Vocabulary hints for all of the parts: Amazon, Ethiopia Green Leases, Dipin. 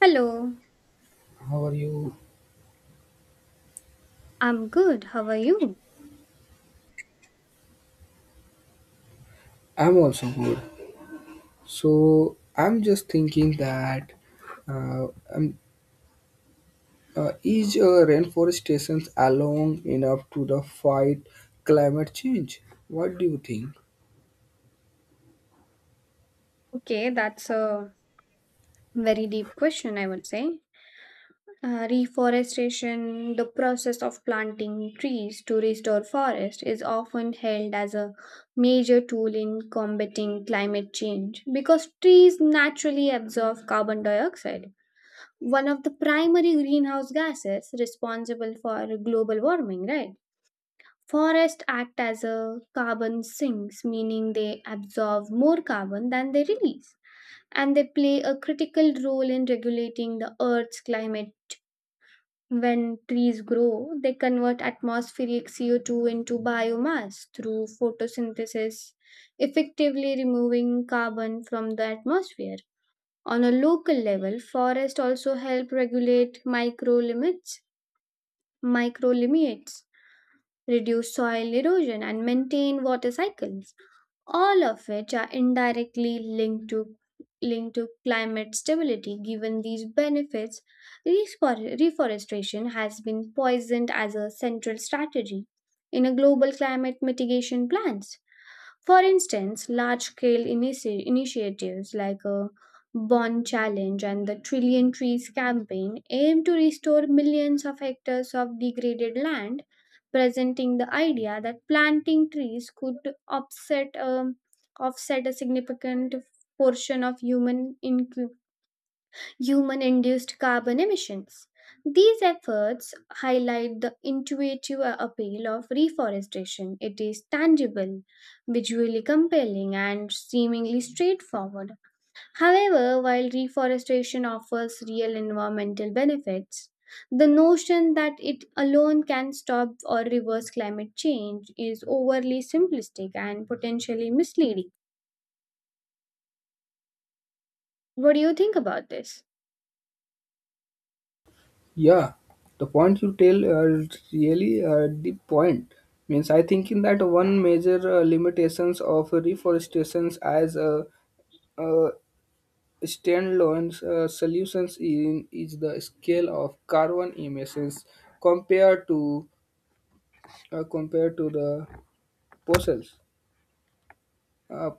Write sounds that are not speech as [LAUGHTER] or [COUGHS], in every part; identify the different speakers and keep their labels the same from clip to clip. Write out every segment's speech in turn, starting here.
Speaker 1: Hello,
Speaker 2: How are you?
Speaker 1: I'm good. How are you?
Speaker 2: I'm also good. So I'm just thinking that uh, um, is reforestation alone enough to the fight climate change? What do you think?
Speaker 1: Okay, that's a very deep question, I would say. Reforestation, the process of planting trees to restore forest, is often held as a major tool in combating climate change because trees naturally absorb carbon dioxide, one of the primary greenhouse gases responsible for global warming, right? Forests act as a carbon sinks, meaning they absorb more carbon than they release, and they play a critical role in regulating the Earth's climate. When trees grow, they convert atmospheric CO2 into biomass through photosynthesis, effectively removing carbon from the atmosphere. On a local level, forests also help regulate micro limits, reduce soil erosion, and maintain water cycles, all of which are indirectly linked to climate stability. Given these benefits, reforestation has been poisoned as a central strategy in a global climate mitigation plans. For instance, large scale initiatives like a Bond Challenge and the Trillion Trees campaign aim to restore millions of hectares of degraded land, presenting the idea that planting trees could offset, um, offset a significant portion of human induced carbon emissions. These efforts highlight the intuitive appeal of reforestation. It is tangible, visually compelling, and seemingly straightforward. However, while reforestation offers real environmental benefits, the notion that it alone can stop or reverse climate change is overly simplistic and potentially misleading. What do you think about this?
Speaker 2: Yeah, the point you tell is really the point. Means I thinking that one major limitations of reforestation as a uh, standalone solutions in is the scale of carbon emissions compared to compared to the Porcel's uh,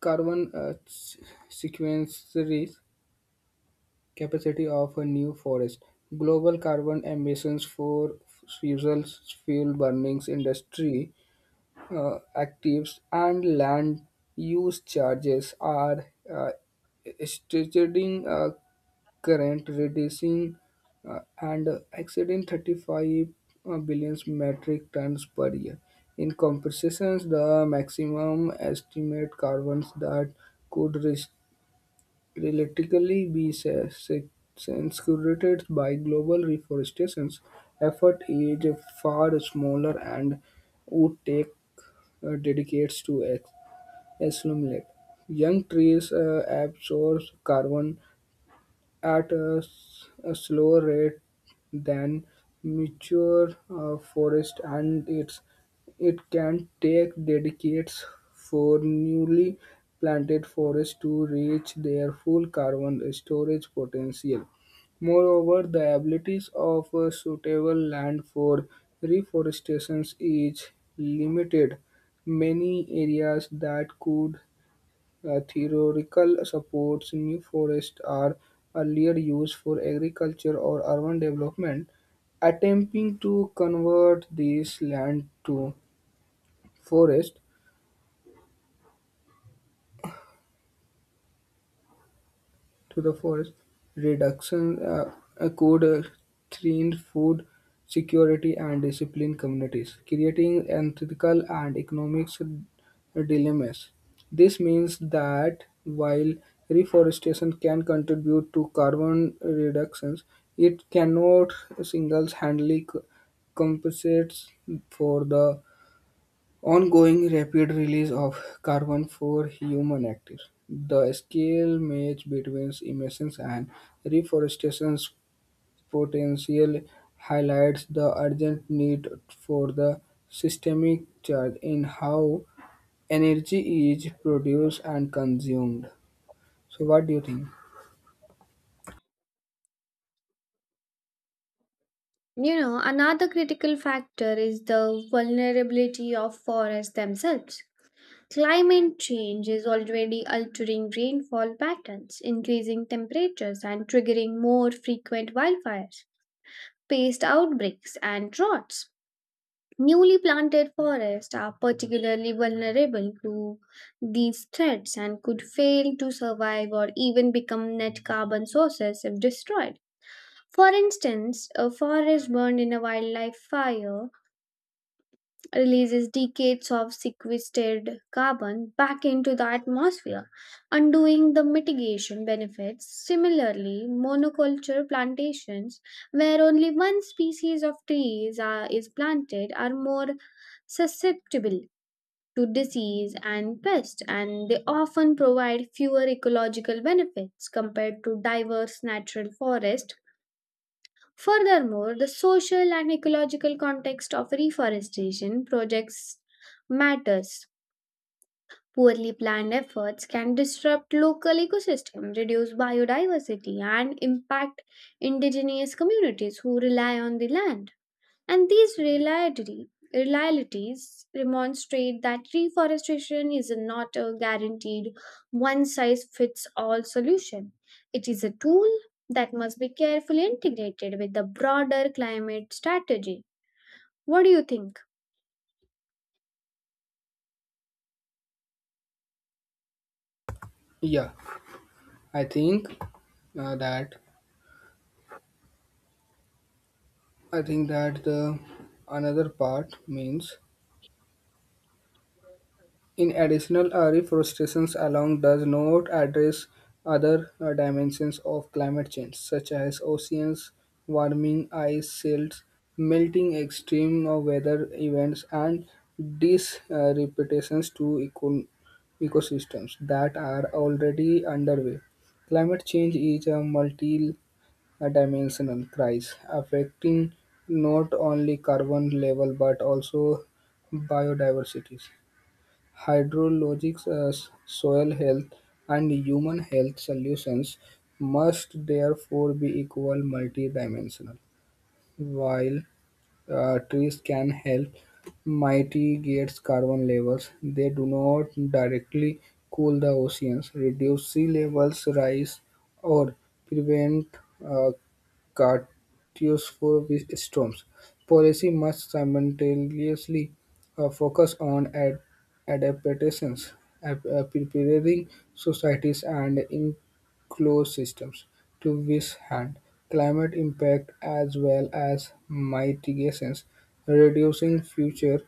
Speaker 2: carbon sequences capacity of a new forest. Global carbon emissions for fossil fuel burnings industry actives and land use charges are stating current reducing and exceeding 35 billion metric tons per year. In compensations, the maximum estimate carbons that could res- realistically be sequestered by global reforestation effort is far smaller and would take dedicates to assimilate. Young trees absorb carbon at a slower rate than mature forest and it can take decades for newly planted forests to reach their full carbon storage potential. Moreover, the abilities of a suitable land for reforestation is limited. Many areas that could theoretical supports new forests are earlier used for agriculture or urban development, attempting to convert this land to forest to the forest reduction could threaten food security and discipline communities, creating ethical and economic dilemmas. This means that while reforestation can contribute to carbon reductions, it cannot single-handedly compensate for the ongoing rapid release of carbon for human activities. The scale match between emissions and reforestation's potential highlights the urgent need for the systemic change in how energy is produced and consumed. So, what do you think?
Speaker 1: You know, another critical factor is the vulnerability of forests themselves. Climate change is already altering rainfall patterns, increasing temperatures, and triggering more frequent wildfires, pest outbreaks, and droughts. Newly planted forests are particularly vulnerable to these threats and could fail to survive or even become net carbon sources if destroyed. For instance, a forest burned in a wildlife fire releases decades of sequestered carbon back into the atmosphere, undoing the mitigation benefits. Similarly, monoculture plantations, where only one species of trees are, is planted, are more susceptible to disease and pest, and they often provide fewer ecological benefits compared to diverse natural forests. Furthermore, the social and ecological context of reforestation projects matters. Poorly planned efforts can disrupt local ecosystems, reduce biodiversity, and impact indigenous communities who rely on the land. And these realities demonstrate that reforestation is not a guaranteed one size fits all solution. It is a tool that must be carefully integrated with the broader climate strategy. What do you think?
Speaker 2: Yeah, I think uh, that I think that the another part means in addition, a reforestation alone does not address other dimensions of climate change, such as oceans warming, ice sheets melting, extreme weather events, and disruptions to ecosystems that are already underway. Climate change is a multi-dimensional crisis affecting not only carbon level but also biodiversity hydrologic soil health and human health solutions must therefore be equal multidimensional while trees can help mitigate carbon levels. They do not directly cool the oceans, reduce sea levels rise, or prevent uh, catastrophic storms. Policy must simultaneously focus on adaptations, preparing societies and ecosystems to this hand, climate impact as well as mitigations, reducing future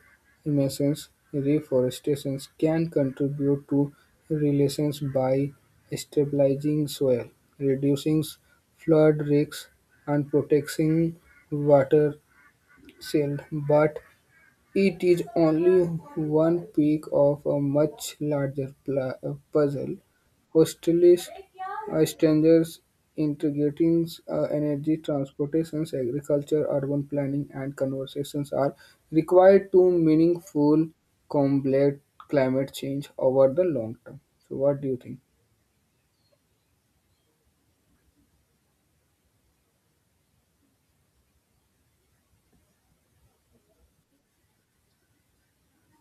Speaker 2: emissions, reforestation can contribute to relations by stabilizing soil, reducing flood risks, and protecting water watersheds. But it is only one peak of a much larger puzzle: hostilities, strangers, integrating energy, transportations, agriculture, urban planning, and conversations are required to meaningful combat climate change over the long term. So, what do you think?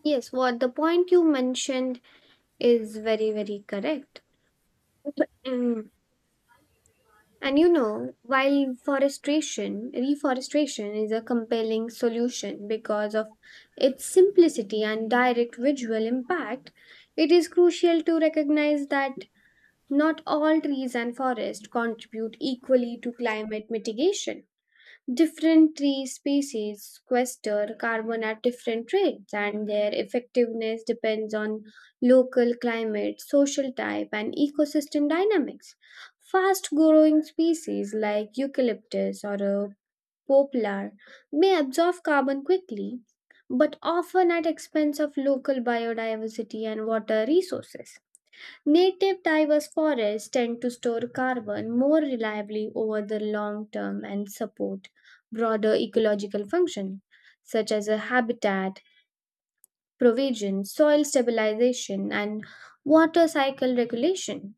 Speaker 1: Yes, what the point you mentioned is very, very correct. [CLEARS THROAT] And while reforestation is a compelling solution because of its simplicity and direct visual impact, it is crucial to recognize that not all trees and forests contribute equally to climate mitigation. Different tree species sequester carbon at different rates, and their effectiveness depends on local climate, social type, and ecosystem dynamics. Fast growing species like eucalyptus or a poplar may absorb carbon quickly, but often at expense of local biodiversity and water resources. Native diverse forests tend to store carbon more reliably over the long term and support broader ecological function such as a habitat provision, soil stabilization, and water cycle regulation.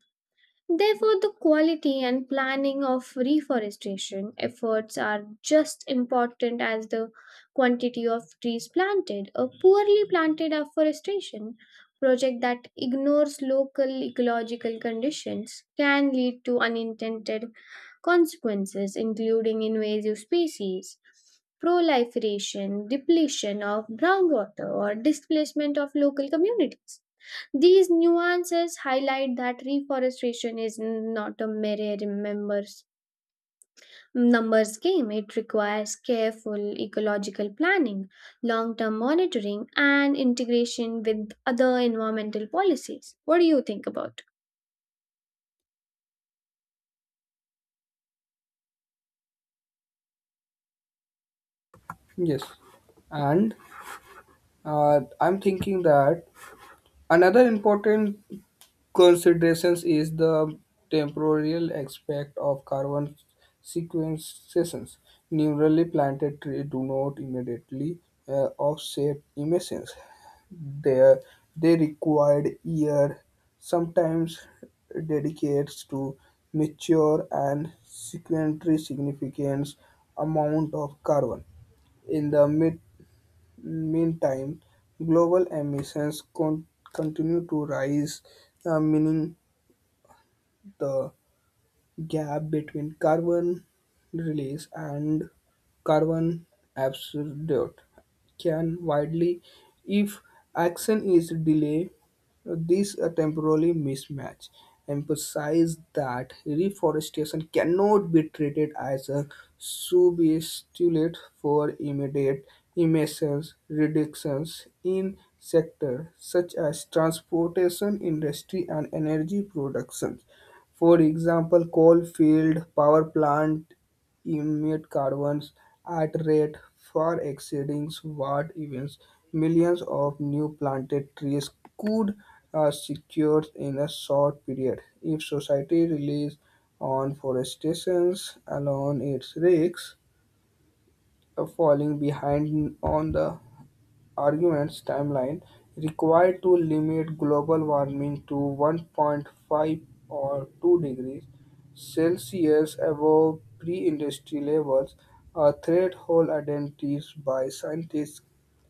Speaker 1: Therefore, the quality and planning of reforestation efforts are just important as the quantity of trees planted. A poorly planted afforestation project that ignores local ecological conditions can lead to unintended consequences, including invasive species, proliferation, depletion of groundwater, or displacement of local communities. These nuances highlight that reforestation is not a mere remembers numbers game. It requires careful ecological planning, long-term monitoring, and integration with other environmental policies. What do you think about?
Speaker 2: Yes, and I'm thinking that another important considerations is the temporal aspect of carbon sequestrations. Newly planted trees do not immediately offset emissions. They, they required year, sometimes dedicates to mature and sequester significant amount of carbon. In the meantime, global emissions continue to rise, meaning the gap between carbon release and carbon absorption can widely if action is delayed. This temporary mismatch emphasizes that reforestation cannot be treated as a substitute for immediate emissions reductions in sectors such as transportation industry and energy production for example, coal-fired power plants emit carbons at rate far exceeding what even millions of new planted trees could secure in a short period. If society relies on forestation alone, it risks falling behind on the arguments timeline required to limit global warming to 1.5 or 2 degrees Celsius above pre-industrial levels, a threshold identified by scientists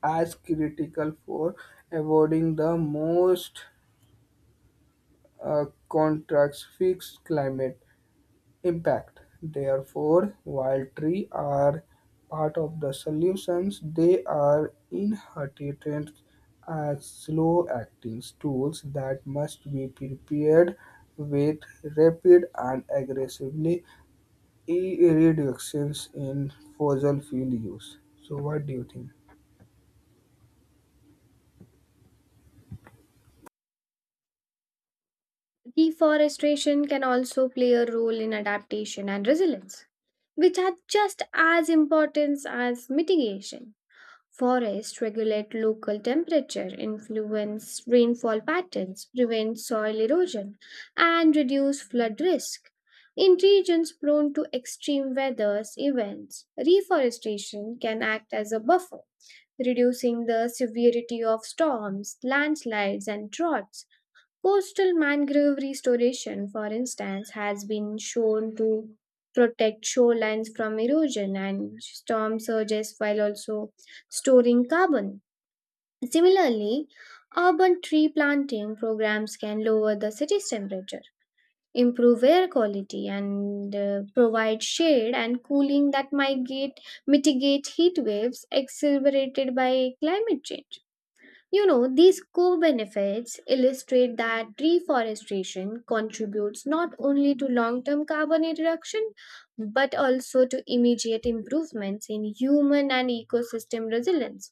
Speaker 2: as critical for avoiding the most contrast fixed climate impact. Therefore, while trees are part of the solutions, they are inherently as slow-acting tools that must be prepared with rapid and aggressively reductions in fossil fuel use. So, what do you think?
Speaker 1: Deforestation can also play a role in adaptation and resilience, which are just as important as mitigation. Forests regulate local temperature, influence rainfall patterns, prevent soil erosion, and reduce flood risk. In regions prone to extreme weather events, reforestation can act as a buffer, reducing the severity of storms, landslides, and droughts. Coastal mangrove restoration, for instance, has been shown to protect shorelines from erosion and storm surges while also storing carbon. Similarly, urban tree planting programs can lower the city's temperature, improve air quality, and provide shade and cooling that mitigate heat waves exacerbated by climate change. These co benefits illustrate that reforestation contributes not only to long term carbon reduction but also to immediate improvements in human and ecosystem resilience.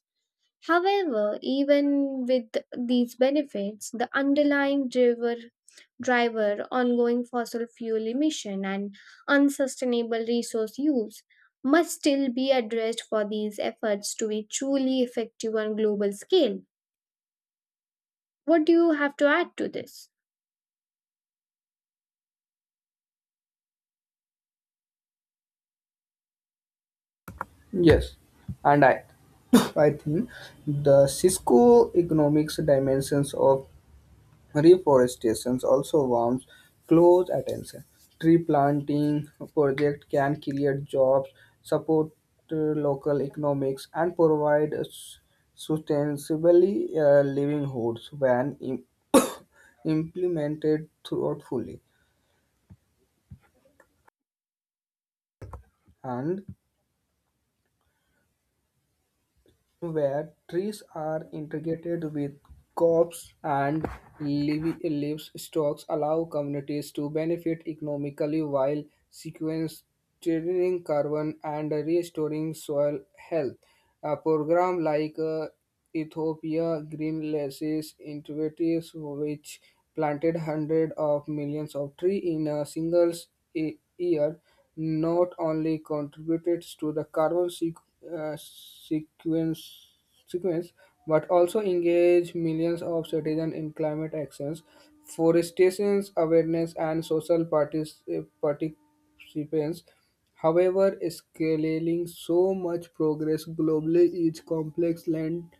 Speaker 1: However, even with these benefits, the underlying driver ongoing fossil fuel emission and unsustainable resource use must still be addressed for these efforts to be truly effective on global scale. What do you have to add to this?
Speaker 2: Yes, and I. I think the Cisco economics dimensions of reforestation also warms close attention. Tree planting project can create jobs, support local economics, and provide sustainably livelihoods when implemented thoughtfully. And where trees are integrated with crops and livestock allow communities to benefit economically while sequestering carbon and restoring soil health. A program like Ethiopia Green Leases initiatives, which planted hundreds of millions of trees in a single year, not only contributes to the carbon sequence but also engage millions of citizens in climate actions, forestation awareness, and social participants. However, scaling so much progress globally is complex land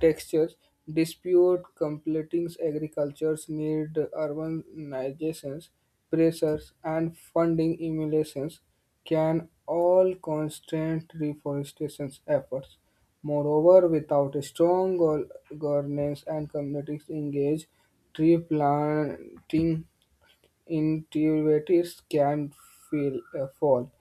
Speaker 2: textures dispute completing agriculture's need urbanization pressures and funding emulations can all constrain reforestation efforts. Moreover, without a strong governance and communities engaged, tree planting intuitives can feel a fall,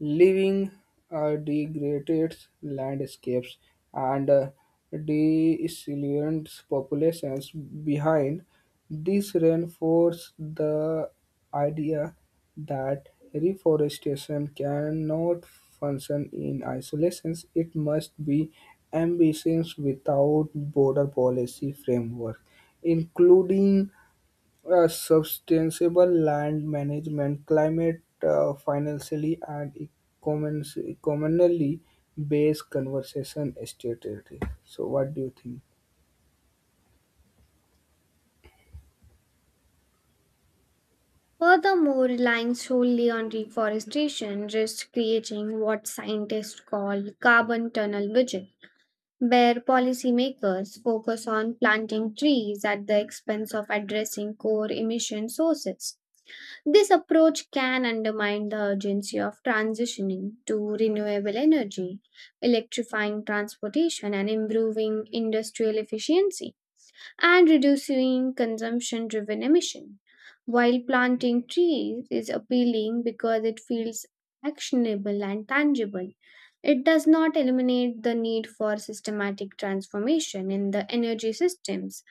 Speaker 2: leaving degraded landscapes and disillusioned populations behind. This reinforces the idea that reforestation cannot function in isolation. It must be ambitious without border policy framework, including sustainable land management, climate financially and economically commonly based conversation strategy. So, what do you think?
Speaker 1: Furthermore, relying solely on reforestation risks creating what scientists call carbon tunnel vision, where policymakers focus on planting trees at the expense of addressing core emission sources. This approach can undermine the urgency of transitioning to renewable energy, electrifying transportation, and improving industrial efficiency, and reducing consumption driven emission. While planting trees is appealing because it feels actionable and tangible, it does not eliminate the need for systematic transformation in the energy systems,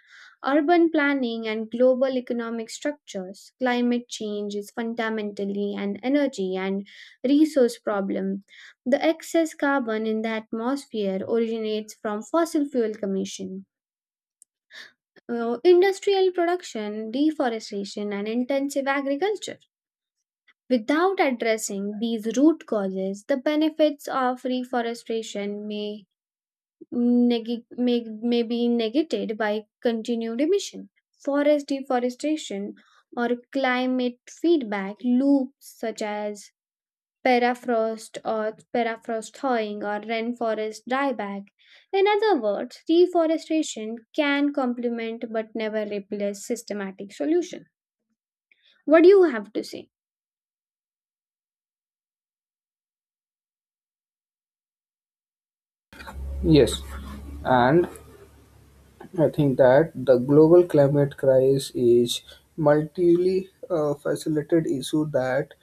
Speaker 1: urban planning, and global economic structures. Climate change is fundamentally an energy and resource problem. The excess carbon in the atmosphere originates from fossil fuel emission, industrial production, deforestation, and intensive agriculture. Without addressing these root causes, the benefits of reforestation neg- may, may be negated by continued emission. Forest deforestation or climate feedback loops, such as permafrost thawing or rainforest dieback. In other words, reforestation can complement but never replace systematic solution. What do you have to say?
Speaker 2: Yes, and I think that the global climate crisis is multi faceted issue that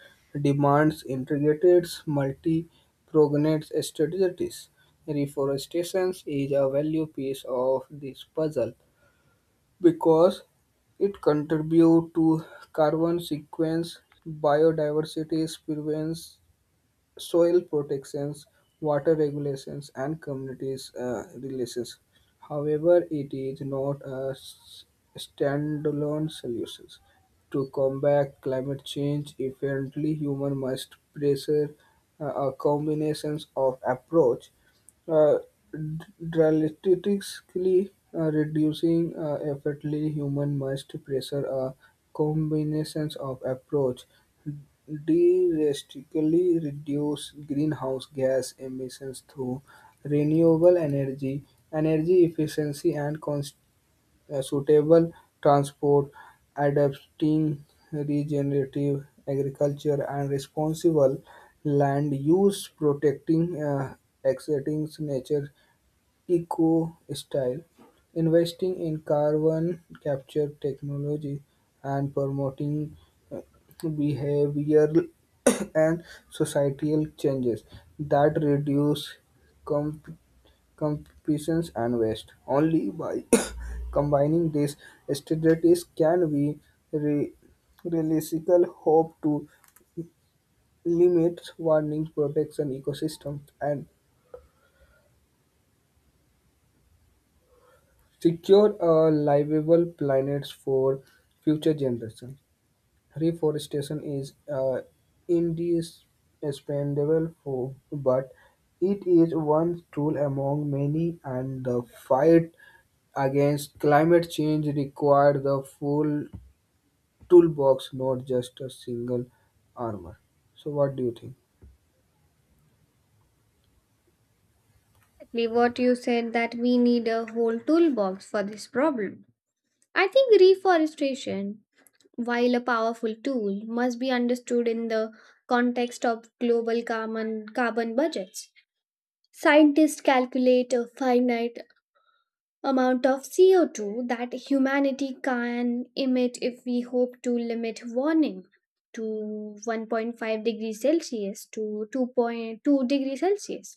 Speaker 2: demands integrated multi-pronged strategies. Reforestation is a value piece of this puzzle, because it contributes to carbon sequence biodiversity, prevents soil protections, water regulations, and communities relations. However, it is not a standalone solution. To combat climate change effectively, human must pressure a combination of approach uh, d- drastically reducing effectively human must pressure a combinations of approach drastically reduce greenhouse gas emissions through renewable energy, energy efficiency, and suitable transport, adapting regenerative agriculture, and responsible land use, protecting existing nature eco-style, investing in carbon capture technology and promoting uh, behavioral [COUGHS] and societal changes that reduce comp- competitions and waste. Only by [COUGHS] combining these strategies can we re- realistic hope to limit warning protection ecosystem and secure a livable planet for future generations. Reforestation is indispensable for, but it is one tool among many, and the fight against climate change requires the full toolbox, not just a single armor. So, what do you think?
Speaker 1: Exactly, what you said that we need a whole toolbox for this problem. I think reforestation, while a powerful tool, must be understood in the context of global carbon budgets. Scientists calculate a finite amount of CO2 that humanity can emit if we hope to limit warming to 1.5 degrees Celsius to 2.2 degrees Celsius.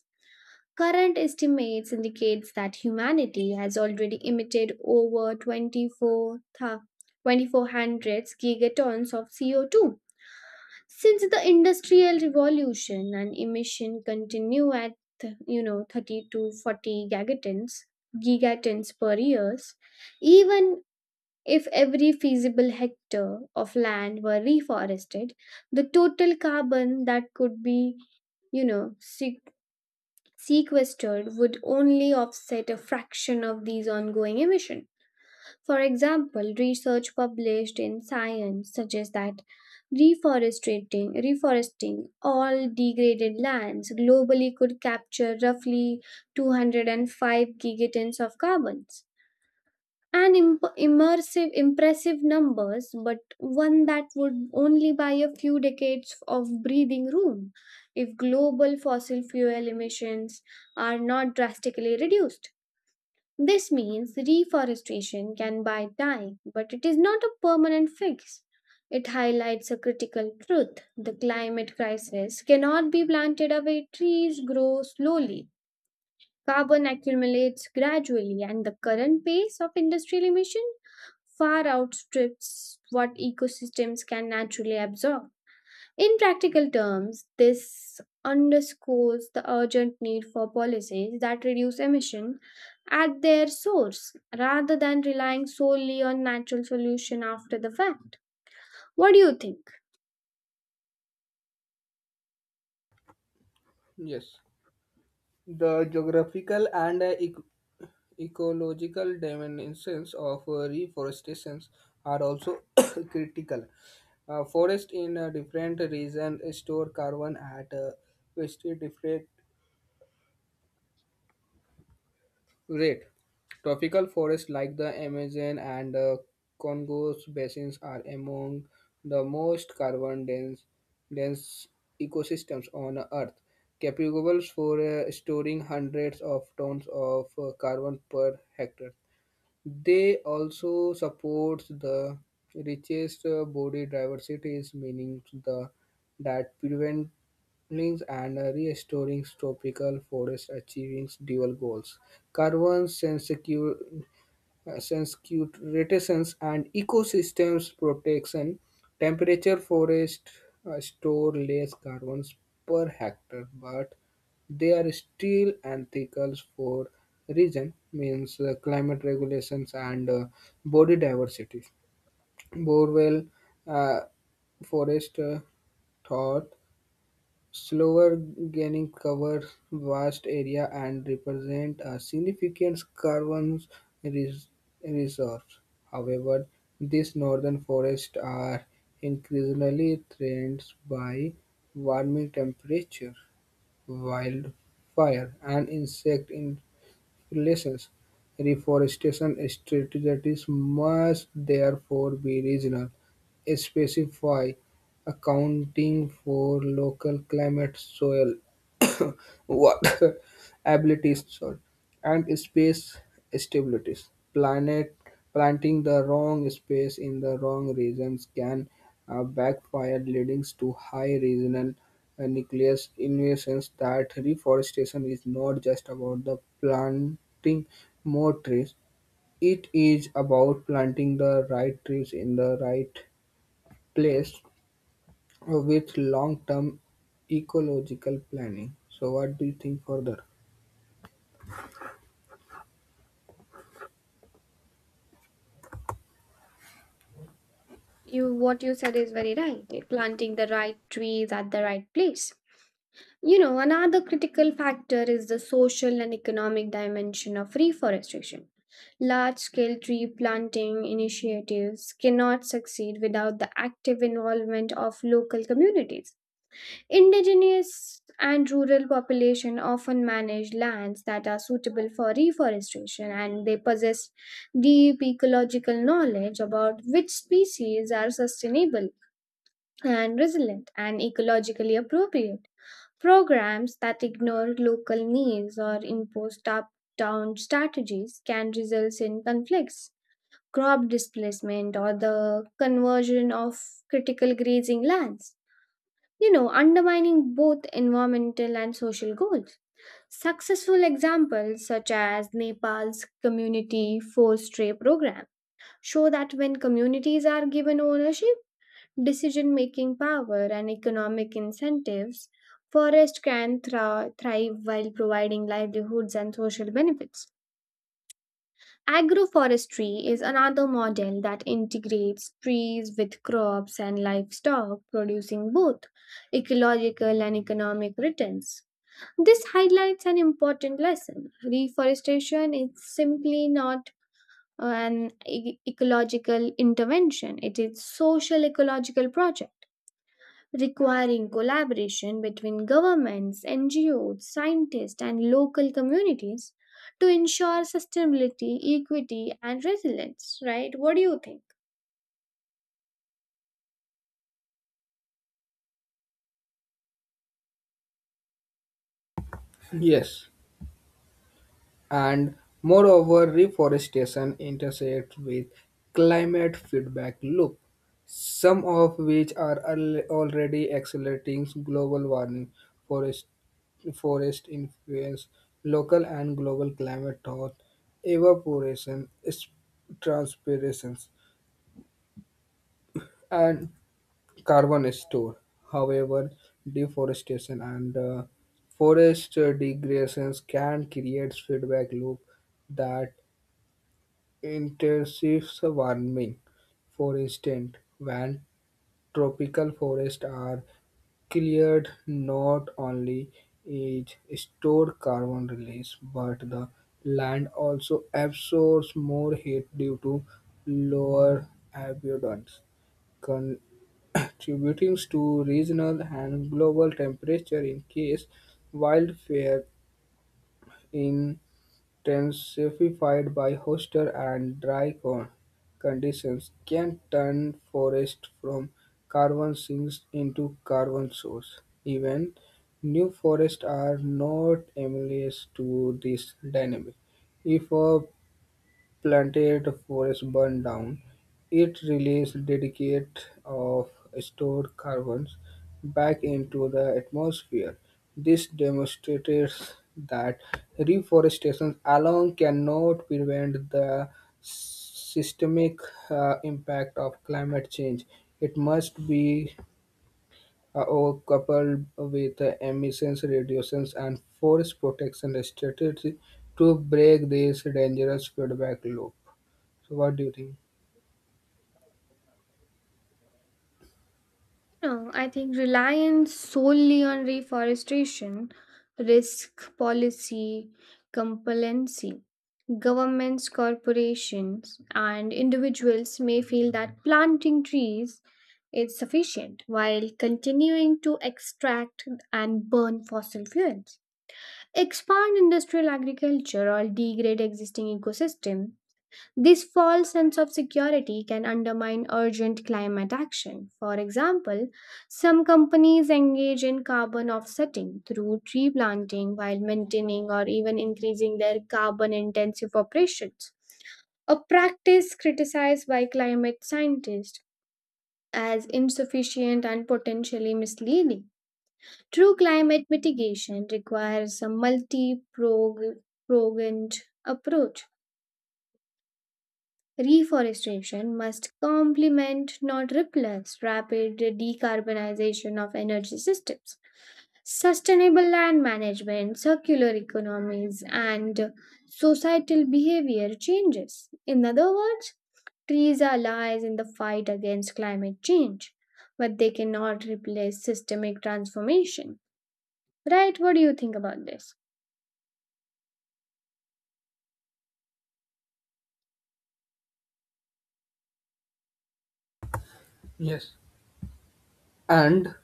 Speaker 1: Current estimates indicates that humanity has already emitted over 24 thousand twenty-four hundred gigatons of CO2 since the Industrial Revolution, and emission continue at 30 to 40 gigatons per years. Even if every feasible hectare of land were reforested, the total carbon that could be you know se- sequestered would only offset a fraction of these ongoing emission. For example, research published in Science suggests that reforesting all degraded lands globally could capture roughly 205 gigatons of carbons. An impressive numbers, but one that would only buy a few decades of breathing room if global fossil fuel emissions are not drastically reduced. This means reforestation can buy time, but it is not a permanent fix. It highlights a critical truth: the climate crisis cannot be planted away, trees grow slowly. Carbon accumulates gradually, and the current pace of industrial emission far outstrips what ecosystems can naturally absorb. In practical terms, this underscores the urgent need for policies that reduce emission at their source rather than relying solely on natural solution after the fact. What do you think?
Speaker 2: Yes, the geographical and ecological dimensions of reforestation are also [COUGHS] critical. Forest in a different region store carbon at a very different rate. Tropical forests like the Amazon and Congo's basins are among the most dense ecosystems on Earth, capable for storing hundreds of tons of carbon per hectare. They also supports the richest body diversity, meaning the that preventing and restoring tropical forests achieving dual goals: carbon sensitive sensitivity and ecosystems protection: temperature forest store less carbon per hectare, but they are still ethical for reason means climate regulations and body diversity. Borewell uh, forest thought slower gaining cover vast area and represent a significant carbon res- resource. However, these northern forests are increasingly threatened by warming temperature, wildfire, and insect relations. Reforestation strategies must therefore be regional, specify, accounting for local climate, soil [COUGHS] water [LAUGHS] abilities sorry, and space stabilities. Planet planting the wrong space in the wrong regions can backfire, leading to high regional nucleus invasions. That reforestation is not just about the planting more trees; it is about planting the right trees in the right place with long-term ecological planning. So, what do you think further?
Speaker 1: You What you said is very right. Planting the right trees at the right place. You know, another critical factor is the social and economic dimension of reforestation. Large scale tree planting initiatives cannot succeed without the active involvement of local communities. Indigenous and rural population often manage lands that are suitable for reforestation, and they possess deep ecological knowledge about which species are sustainable and resilient and ecologically appropriate. Programs that ignore local needs or impose top down strategies can result in conflicts, crop displacement, or the conversion of critical grazing lands, undermining both environmental and social goals. Successful examples, such as Nepal's community forestry program, show that when communities are given ownership, decision making power, and economic incentives, forest can thrive while providing livelihoods and social benefits. Agroforestry is another model that integrates trees with crops and livestock, producing both ecological and economic returns. This highlights an important lesson. Reforestation is simply not an ecological intervention, it is social ecological project requiring collaboration between governments, NGOs, scientists, and local communities to ensure sustainability, equity, and resilience, right? What do you think?
Speaker 2: Yes, and moreover, reforestation intersects with climate feedback loop, some of which are already accelerating global warming. Forest, forest influence, local and global climate thaw, evaporation, transpirations, and carbon store. However, deforestation and forest degradations can create feedback loop that intensive warming, for instance, when tropical forests are cleared, not only is stored carbon released, but the land also absorbs more heat due to lower abundance, contributing to regional and global temperature increase. Wildfire in intensified by hotter and dry conditions, can turn forest from carbon sinks into carbon source. Even new forests are not immune to this dynamic. If a planted forest burned down, it released dredicate of stored carbons back into the atmosphere. This demonstrates that reforestation alone cannot prevent the systemic impact of climate change. It must be all coupled with emissions reductions and forest protection strategy to break this dangerous feedback loop. So, what do you think?
Speaker 1: No, I think reliance solely on reforestation risk policy compliancy. Governments, corporations, and individuals may feel that planting trees is sufficient while continuing to extract and burn fossil fuels, expand industrial agriculture, or degrade existing ecosystem. This false sense of security can undermine urgent climate action. For example, some companies engage in carbon offsetting through tree planting while maintaining or even increasing their carbon intensive operations, a practice criticized by climate scientists as insufficient and potentially misleading. True climate mitigation requires a multi pronged approach. Reforestation must complement, not replace, rapid decarbonization of energy systems, sustainable land management, circular economies, and societal behavior changes. In other words, trees are allies in the fight against climate change, but they cannot replace systemic transformation. Right? What do you think about this?
Speaker 2: Yes. And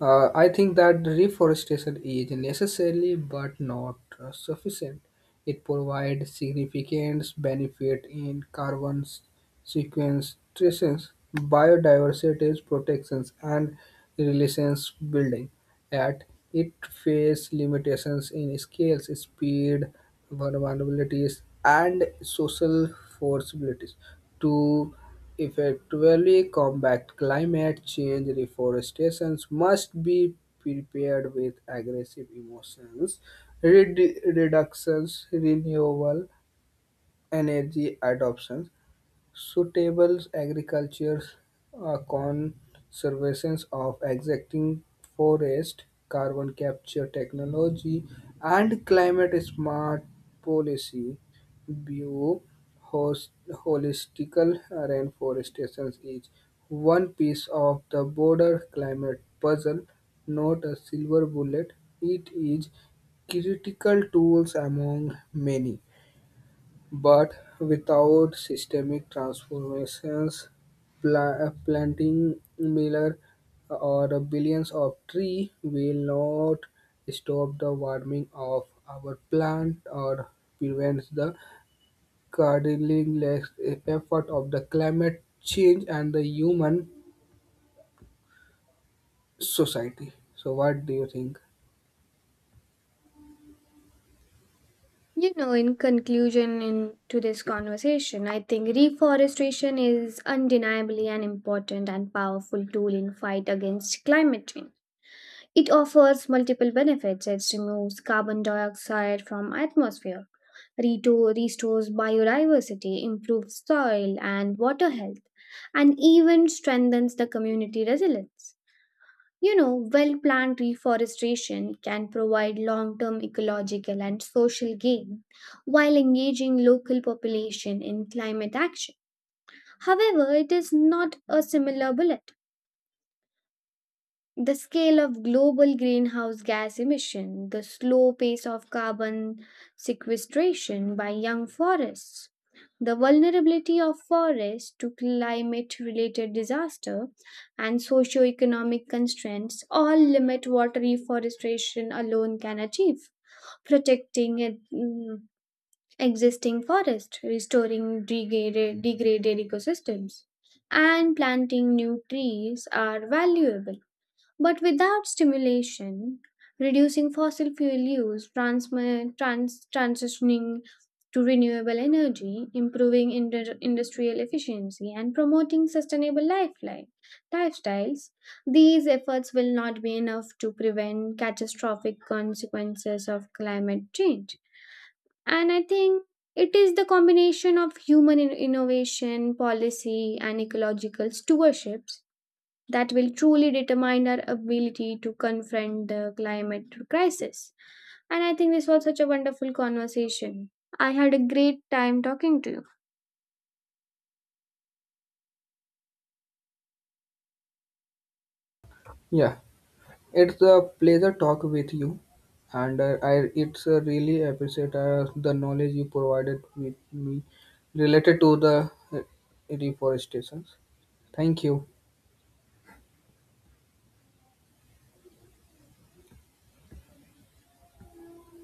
Speaker 2: I think that reforestation is necessary but not sufficient. It provides significant benefit in carbon sequestration, biodiversity protections, and relations building. Yet it faces limitations in scales, speed, vulnerabilities, and social forcibilities to effectively combat climate change, reforestation must be prepared with aggressive emotions, reductions, renewable energy adoptions. Suitable agriculture conservation of existing forest, carbon capture technology, and climate smart policy. View host, holistical reforestation is one piece of the broader climate puzzle, not a silver bullet. It is critical tools among many. But without systemic transformations, planting miller or billions of trees will not stop the warming of our planet or prevent the cardinal effort of the climate change and the human society. So, what do you think?
Speaker 1: In conclusion in to this conversation, I think reforestation is undeniably an important and powerful tool in fight against climate change. It offers multiple benefits. It removes carbon dioxide from atmosphere, restores biodiversity, improves soil and water health, and even strengthens the community resilience. Well planned reforestation can provide long term ecological and social gain while engaging local population in climate action. However, it is not a similar bullet. The scale of global greenhouse gas emission, the slow pace of carbon sequestration by young forests, the vulnerability of forests to climate related disaster, and socio-economic constraints all limit what reforestation alone can achieve. Protecting existing forests, restoring degraded ecosystems, and planting new trees are valuable, but without stimulation, reducing fossil fuel use, transitioning to renewable energy, improving industrial efficiency, and promoting sustainable lifestyles, these efforts will not be enough to prevent catastrophic consequences of climate change. And I think it is the combination of human innovation, policy, and ecological stewardship that will truly determine our ability to confront the climate crisis. And I think this was such a wonderful conversation. I had a great time talking to you.
Speaker 2: Yeah. It's a pleasure talk with you, and I it's really appreciate the knowledge you provided with me related to the reforestations. Thank you.